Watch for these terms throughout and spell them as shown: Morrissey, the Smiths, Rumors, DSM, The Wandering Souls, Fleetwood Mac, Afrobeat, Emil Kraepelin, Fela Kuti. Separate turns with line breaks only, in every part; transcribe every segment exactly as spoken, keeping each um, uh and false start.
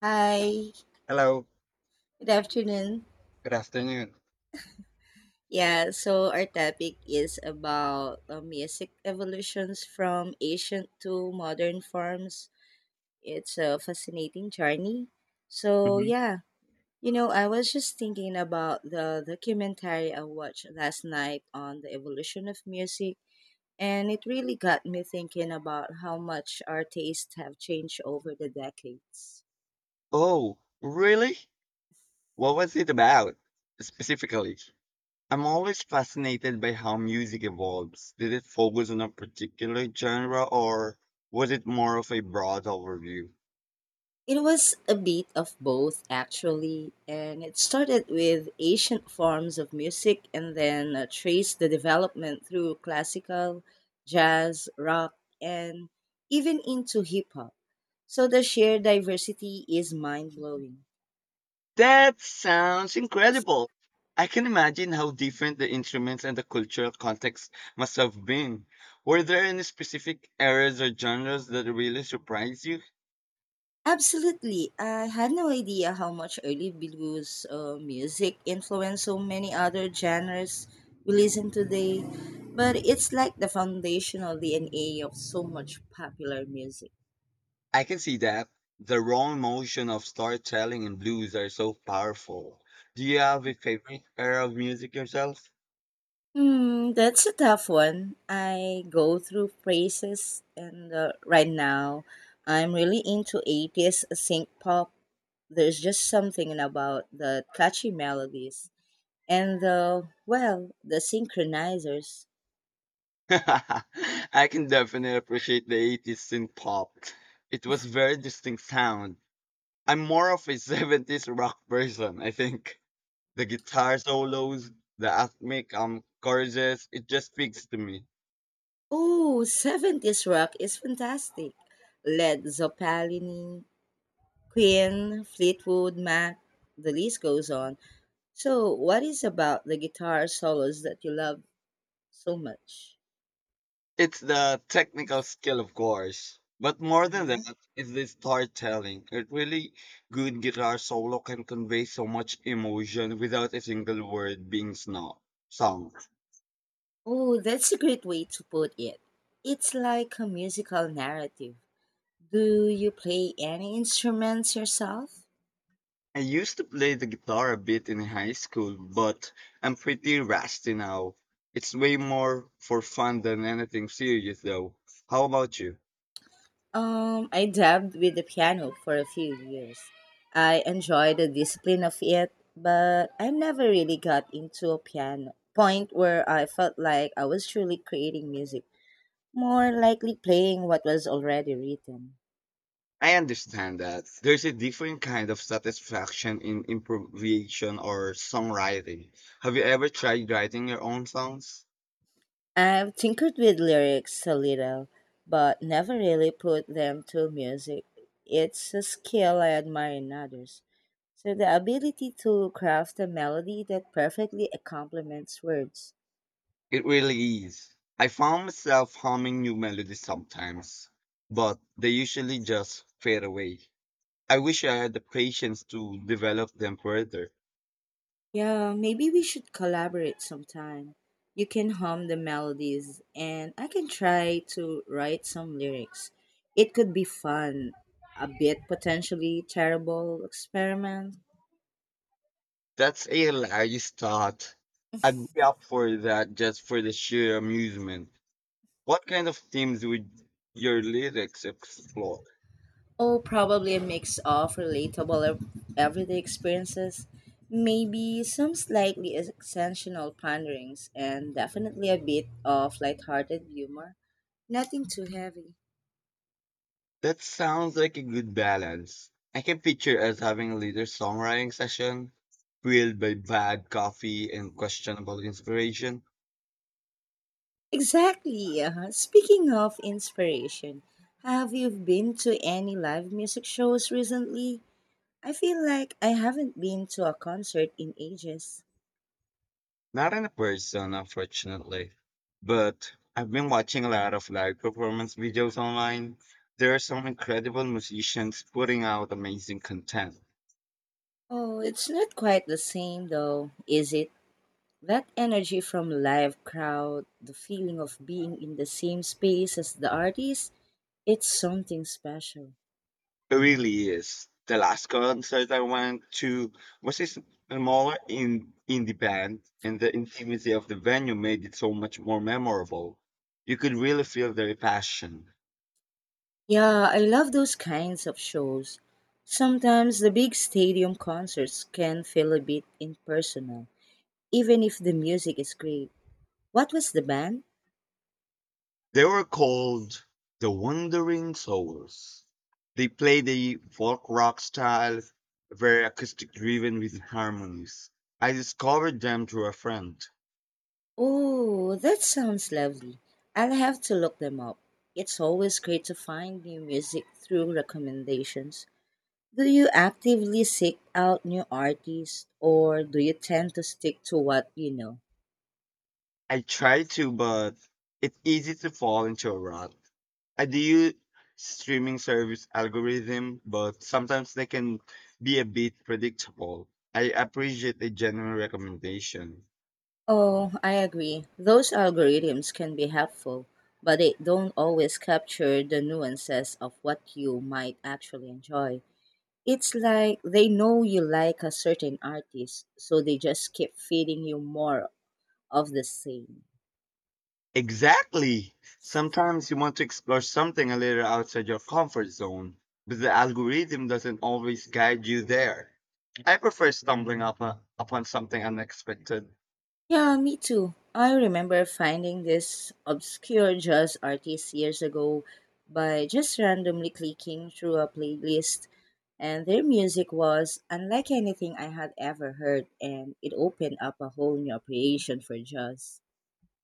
Hi,
Hello,
good afternoon.
good afternoon.
Yeah, so our topic is about uh, music evolutions from ancient to modern forms. It's a fascinating journey. So
Mhm.
yeah, you know, I was just thinking about the documentary I watched last night on the evolution of music, and it really got me thinking about how much our tastes have changed over the decades.
Oh, really? What was it about specifically? I'm always fascinated by how music evolves. Did it focus on a particular genre or was it more of a broad overview?
It was a bit of both, actually, and it started with ancient forms of music and then uh, traced the development through classical, jazz, rock, and even into hip hop. So the sheer diversity is mind blowing.
That sounds incredible. I can imagine how different the instruments and the cultural context must have been. Were there any specific eras or genres that really surprised you?
Absolutely. I had no idea how much early blues uh, music influenced so many other genres we listen today, but it's like the foundational D N A of so much popular music.
I can see that. The raw emotion of storytelling and blues are so powerful. Do you have a favorite era of music yourself?
Hmm, that's a tough one. I go through phases, and uh, right now, I'm really into eighties synth pop. There's just something about the catchy melodies and the, well, the synchronizers.
I can definitely appreciate the eighties synth pop. It was very distinct sound. I'm more of a seventies rock person, I think. The guitar solos, the rhythmic um, choruses, it just speaks to me.
Oh, seventies rock is fantastic. Led Zeppelin, Queen, Fleetwood Mac, the list goes on. So, what is about the guitar solos that you love so much?
It's the technical skill, of course. But more than
Uh-huh.
that, it's the storytelling. A really good guitar solo can convey so much emotion without a single word being sno- sung.
Oh, that's a great way to put it. It's like a musical narrative. Do you play any instruments yourself?
I used to play the guitar a bit in high school, but I'm pretty rusty now. It's way more for fun than anything serious, though. How about you?
Um, I dabbed with the piano for a few years. I enjoy the discipline of it, but I never really got into a piano point where I felt like I was truly creating music, more likely playing what was already written.
I understand that. There's a different kind of satisfaction in improvisation or songwriting. Have you ever tried writing your own songs?
I've tinkered with lyrics a little, but never really put them to music. It's a skill I admire in others. So the ability to craft a melody that perfectly complements words.
It really is. I found myself humming new melodies sometimes, but they usually just fade away. I wish I had the patience to develop them further.
Yeah, maybe we should collaborate sometime. You can hum the melodies and I can try to write some lyrics. It could be fun, a bit potentially terrible experiment.
That's a hilarious thought. I'd be up for that just for the sheer amusement. What kind of themes would your lyrics explore?
Oh, probably a mix of relatable ev- everyday experiences, maybe some slightly exceptional ponderings, and definitely a bit of lighthearted humor. Nothing too heavy.
That sounds like a good balance. I can picture us having a later songwriting session, fueled by bad coffee and questionable inspiration.
Exactly. uh Speaking of inspiration, have you been to any live music shows recently? I feel like I haven't been to a concert in ages.
Not in a person, unfortunately. But I've been watching a lot of live performance videos online. There are some incredible musicians putting out amazing content.
Oh, it's not quite the same though, is it? That energy from live crowd, the feeling of being in the same space as the artist, it's something special.
It really is. The last concert I went to was just more in indie band, and the intimacy of the venue made it so much more memorable. You could really feel their passion.
Yeah, I love those kinds of shows. Sometimes the big stadium concerts can feel a bit impersonal, even if the music is great. What was the band?
They were called the Wandering Souls. They played a folk rock style, very acoustic driven with harmonies. I discovered them through a friend.
Oh, that sounds lovely. I'll have to look them up. It's always great to find new music through recommendations. Do you actively seek out new artists or do you tend to stick to what you know?
I try to, but it's easy to fall into a rut. I do use streaming service algorithm, but sometimes they can be a bit predictable. I appreciate a genuine recommendation.
Oh, I agree. Those algorithms can be helpful, but they don't always capture the nuances of what you might actually enjoy. It's like they know you like a certain artist, so they just keep feeding you more of the same.
Exactly. Sometimes you want to explore something a little outside your comfort zone, but the algorithm doesn't always guide you there. I prefer stumbling up uh, upon something unexpected.
Yeah, me too. I remember finding this obscure jazz artist years ago by just randomly clicking through a playlist, and their music was unlike anything I had ever heard, and it opened up a whole new appreciation for jazz.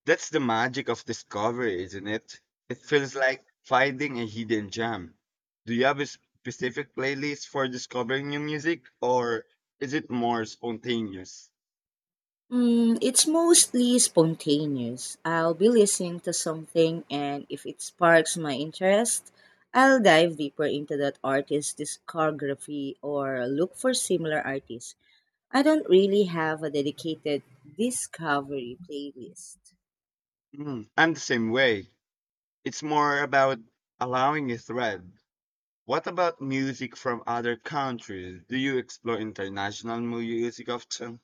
That's the magic of discovery, isn't it? It feels
Mhm.
like finding a hidden gem. Do you have a specific playlist for discovering new music, or is it more spontaneous?
Mm, it's mostly spontaneous. I'll be listening to something, and if it sparks my interest, I'll dive deeper into that artist's discography or look for similar artists. I don't really have a dedicated discovery playlist.
Mm, I'm the same way. It's more about allowing a thread. What about music from other countries? Do you explore international music often?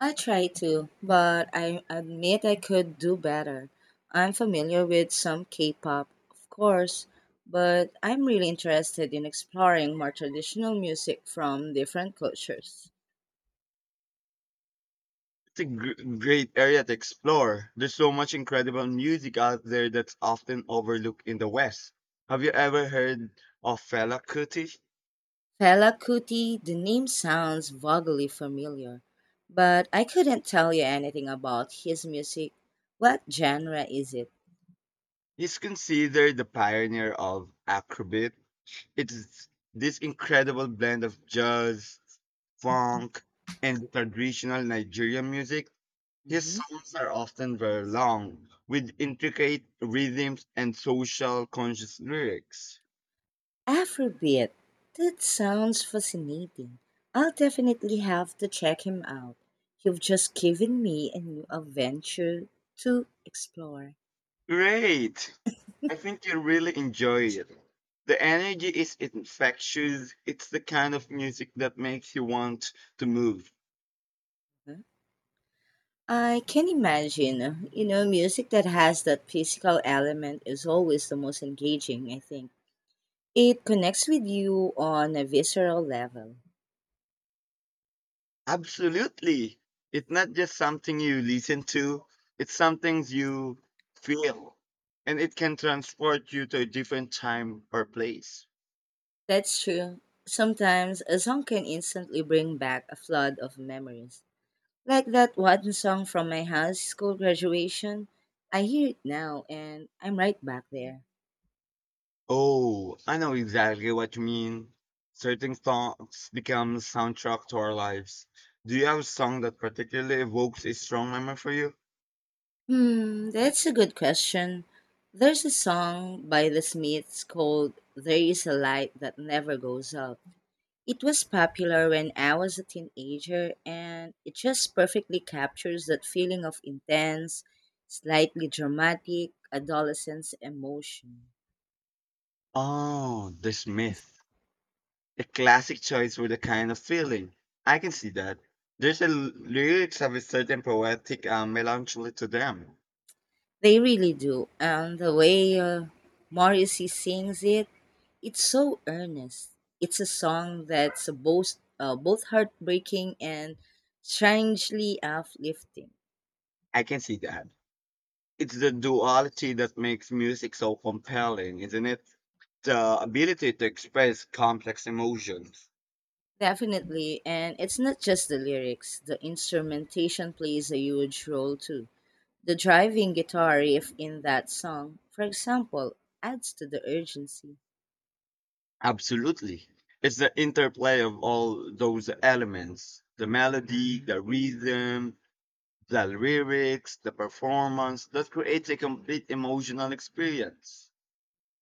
I try to, but I admit I could do better. I'm familiar with some K pop, of course, but I'm really interested in exploring more traditional music from different cultures.
It's a gr- great area to explore. There's so much incredible music out there that's often overlooked in the West. Have you ever heard of Fela Kuti?
Fela Kuti, the name sounds vaguely familiar, but I couldn't tell you anything about his music. What genre is it?
He's considered the pioneer of Afrobeat. It's this incredible blend of jazz, funk, and traditional Nigerian music. His
Mhm.
songs are often very long, with intricate rhythms and social conscious lyrics.
Afrobeat. That sounds fascinating. I'll definitely have to check him out. You've just given me a new adventure to explore.
Great! I think you really enjoy it. The energy is infectious. It's the kind of music that makes you want to move.
I can imagine, you know, music that has that physical element is always the most engaging, I think. It connects with you on a visceral level.
Absolutely. It's not just something you listen to, it's something you feel. And it can transport you to a different time or place.
That's true. Sometimes a song can instantly bring back a flood of memories. Like that one song from my high school graduation. I hear it now and I'm right back there.
Oh, I know exactly what you mean. Certain songs become soundtrack to our lives. Do you have a song that particularly evokes a strong memory for you?
Hmm, that's a good question. There's a song by the Smiths called There Is a Light That Never Goes Out. It was popular when I was a teenager and it just perfectly captures that feeling of intense, slightly dramatic adolescence emotion.
Oh, The Smith. A classic choice with a kind of feeling. I can see that. There's a l- lyrics have a certain poetic uh, melancholy to them.
They really do. And the way uh, Morrissey sings it, it's so earnest. It's a song that's both uh, both heartbreaking and strangely uplifting.
I can see that. It's the duality that makes music so compelling, isn't it? The ability to express complex emotions.
Definitely, and it's not just the lyrics. The instrumentation plays a huge role too. The driving guitar riff in that song, for example, adds to the urgency.
Absolutely. It's the interplay of all those elements the melody, the rhythm, the lyrics, the performance that creates a complete emotional experience.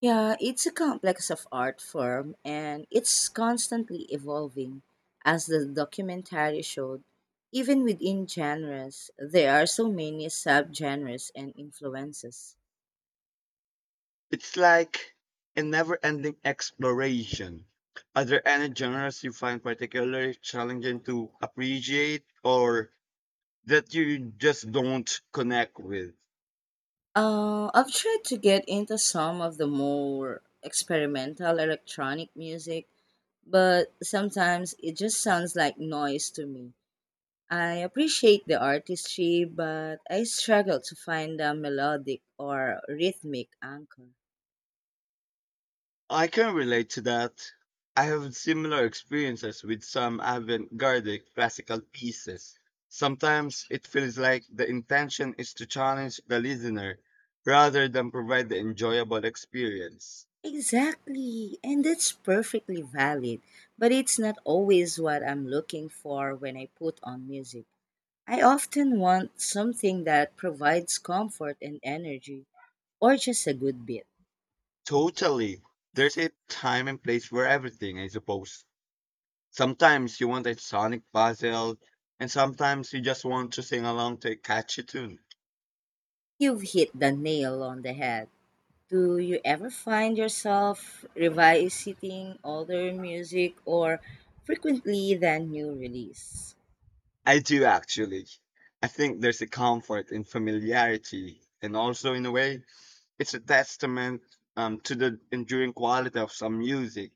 Yeah, it's a complex of art form and it's constantly evolving. As the documentary showed, even within genres, there are so many subgenres and influences.
It's like a never-ending exploration. Are there any genres you find particularly challenging to appreciate or that you just don't connect with?
Uh, I've tried to get into some of the more experimental electronic music, but sometimes it just sounds like noise to me. I appreciate the artistry, but I struggle to find a melodic or rhythmic anchor.
I can relate to that. I have similar experiences with some avant-garde classical pieces. Sometimes it feels like the intention is to challenge the listener rather than provide the enjoyable experience.
Exactly. And that's perfectly valid. But it's not always what I'm looking for when I put on music. I often want something that provides comfort and energy, or just a good beat.
Totally. There's a time and place for everything, I suppose. Sometimes you want a sonic puzzle, and sometimes you just want to sing along to a catchy tune.
You've hit the nail on the head. Do you ever find yourself revisiting older music or frequently than new release?
I do actually. I think there's a comfort in familiarity, and also in a way, it's a testament um, to the enduring quality of some music.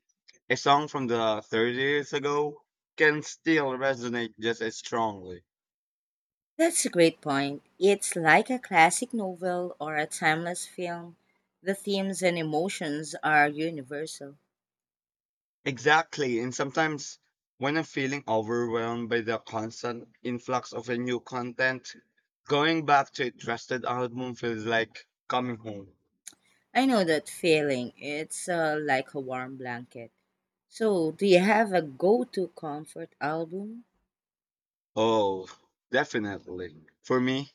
A song from the thirty years ago can still resonate just as strongly.
That's a great point. It's like a classic novel or a timeless film. The themes and emotions are universal.
Exactly. And sometimes when I'm feeling overwhelmed by the constant influx of a new content, going back to a trusted album feels like coming home.
I know that feeling. It's uh, like a warm blanket. So, do you have a go to comfort album?
Oh, definitely. For me,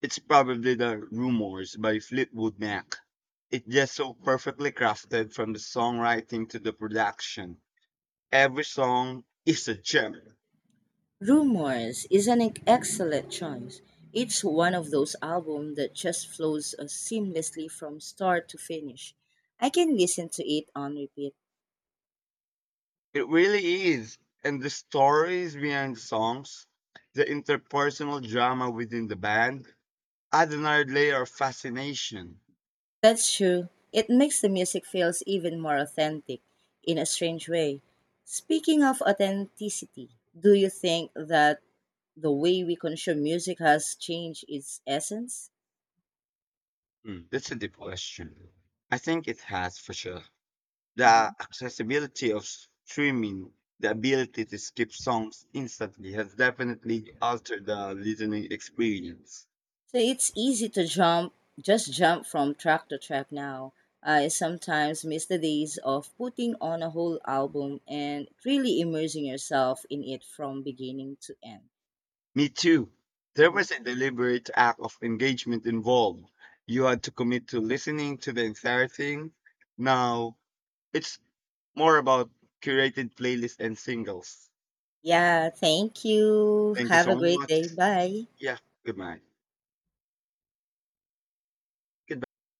it's probably the Rumors by Fleetwood Mac. It's just so perfectly crafted from the songwriting to the production. Every song is a gem.
Rumors is an ex- excellent choice. It's one of those albums that just flows uh, seamlessly from start to finish. I can listen to it on repeat.
It really is. And the stories behind the songs, the interpersonal drama within the band, add another layer of fascination.
That's true. It makes the music feels even more authentic in a strange way. Speaking of authenticity, do you think that the way we consume music has changed its essence?
Hmm, that's a deep question. I think it has for sure.
Hmm.
The accessibility of streaming, the ability to skip songs instantly has definitely altered the listening experience.
So it's easy to jump, just jump from track to track now. I sometimes miss the days of putting on a whole album and really immersing yourself in it from beginning to end.
Me too. There
Hmm.
was a deliberate act of engagement involved. You had to commit to listening to the entire thing. Now, it's more about curated playlists and singles.
Yeah, thank you.
Thank you
Have a
so
great
much.
day. Bye.
Yeah, good night. Goodbye.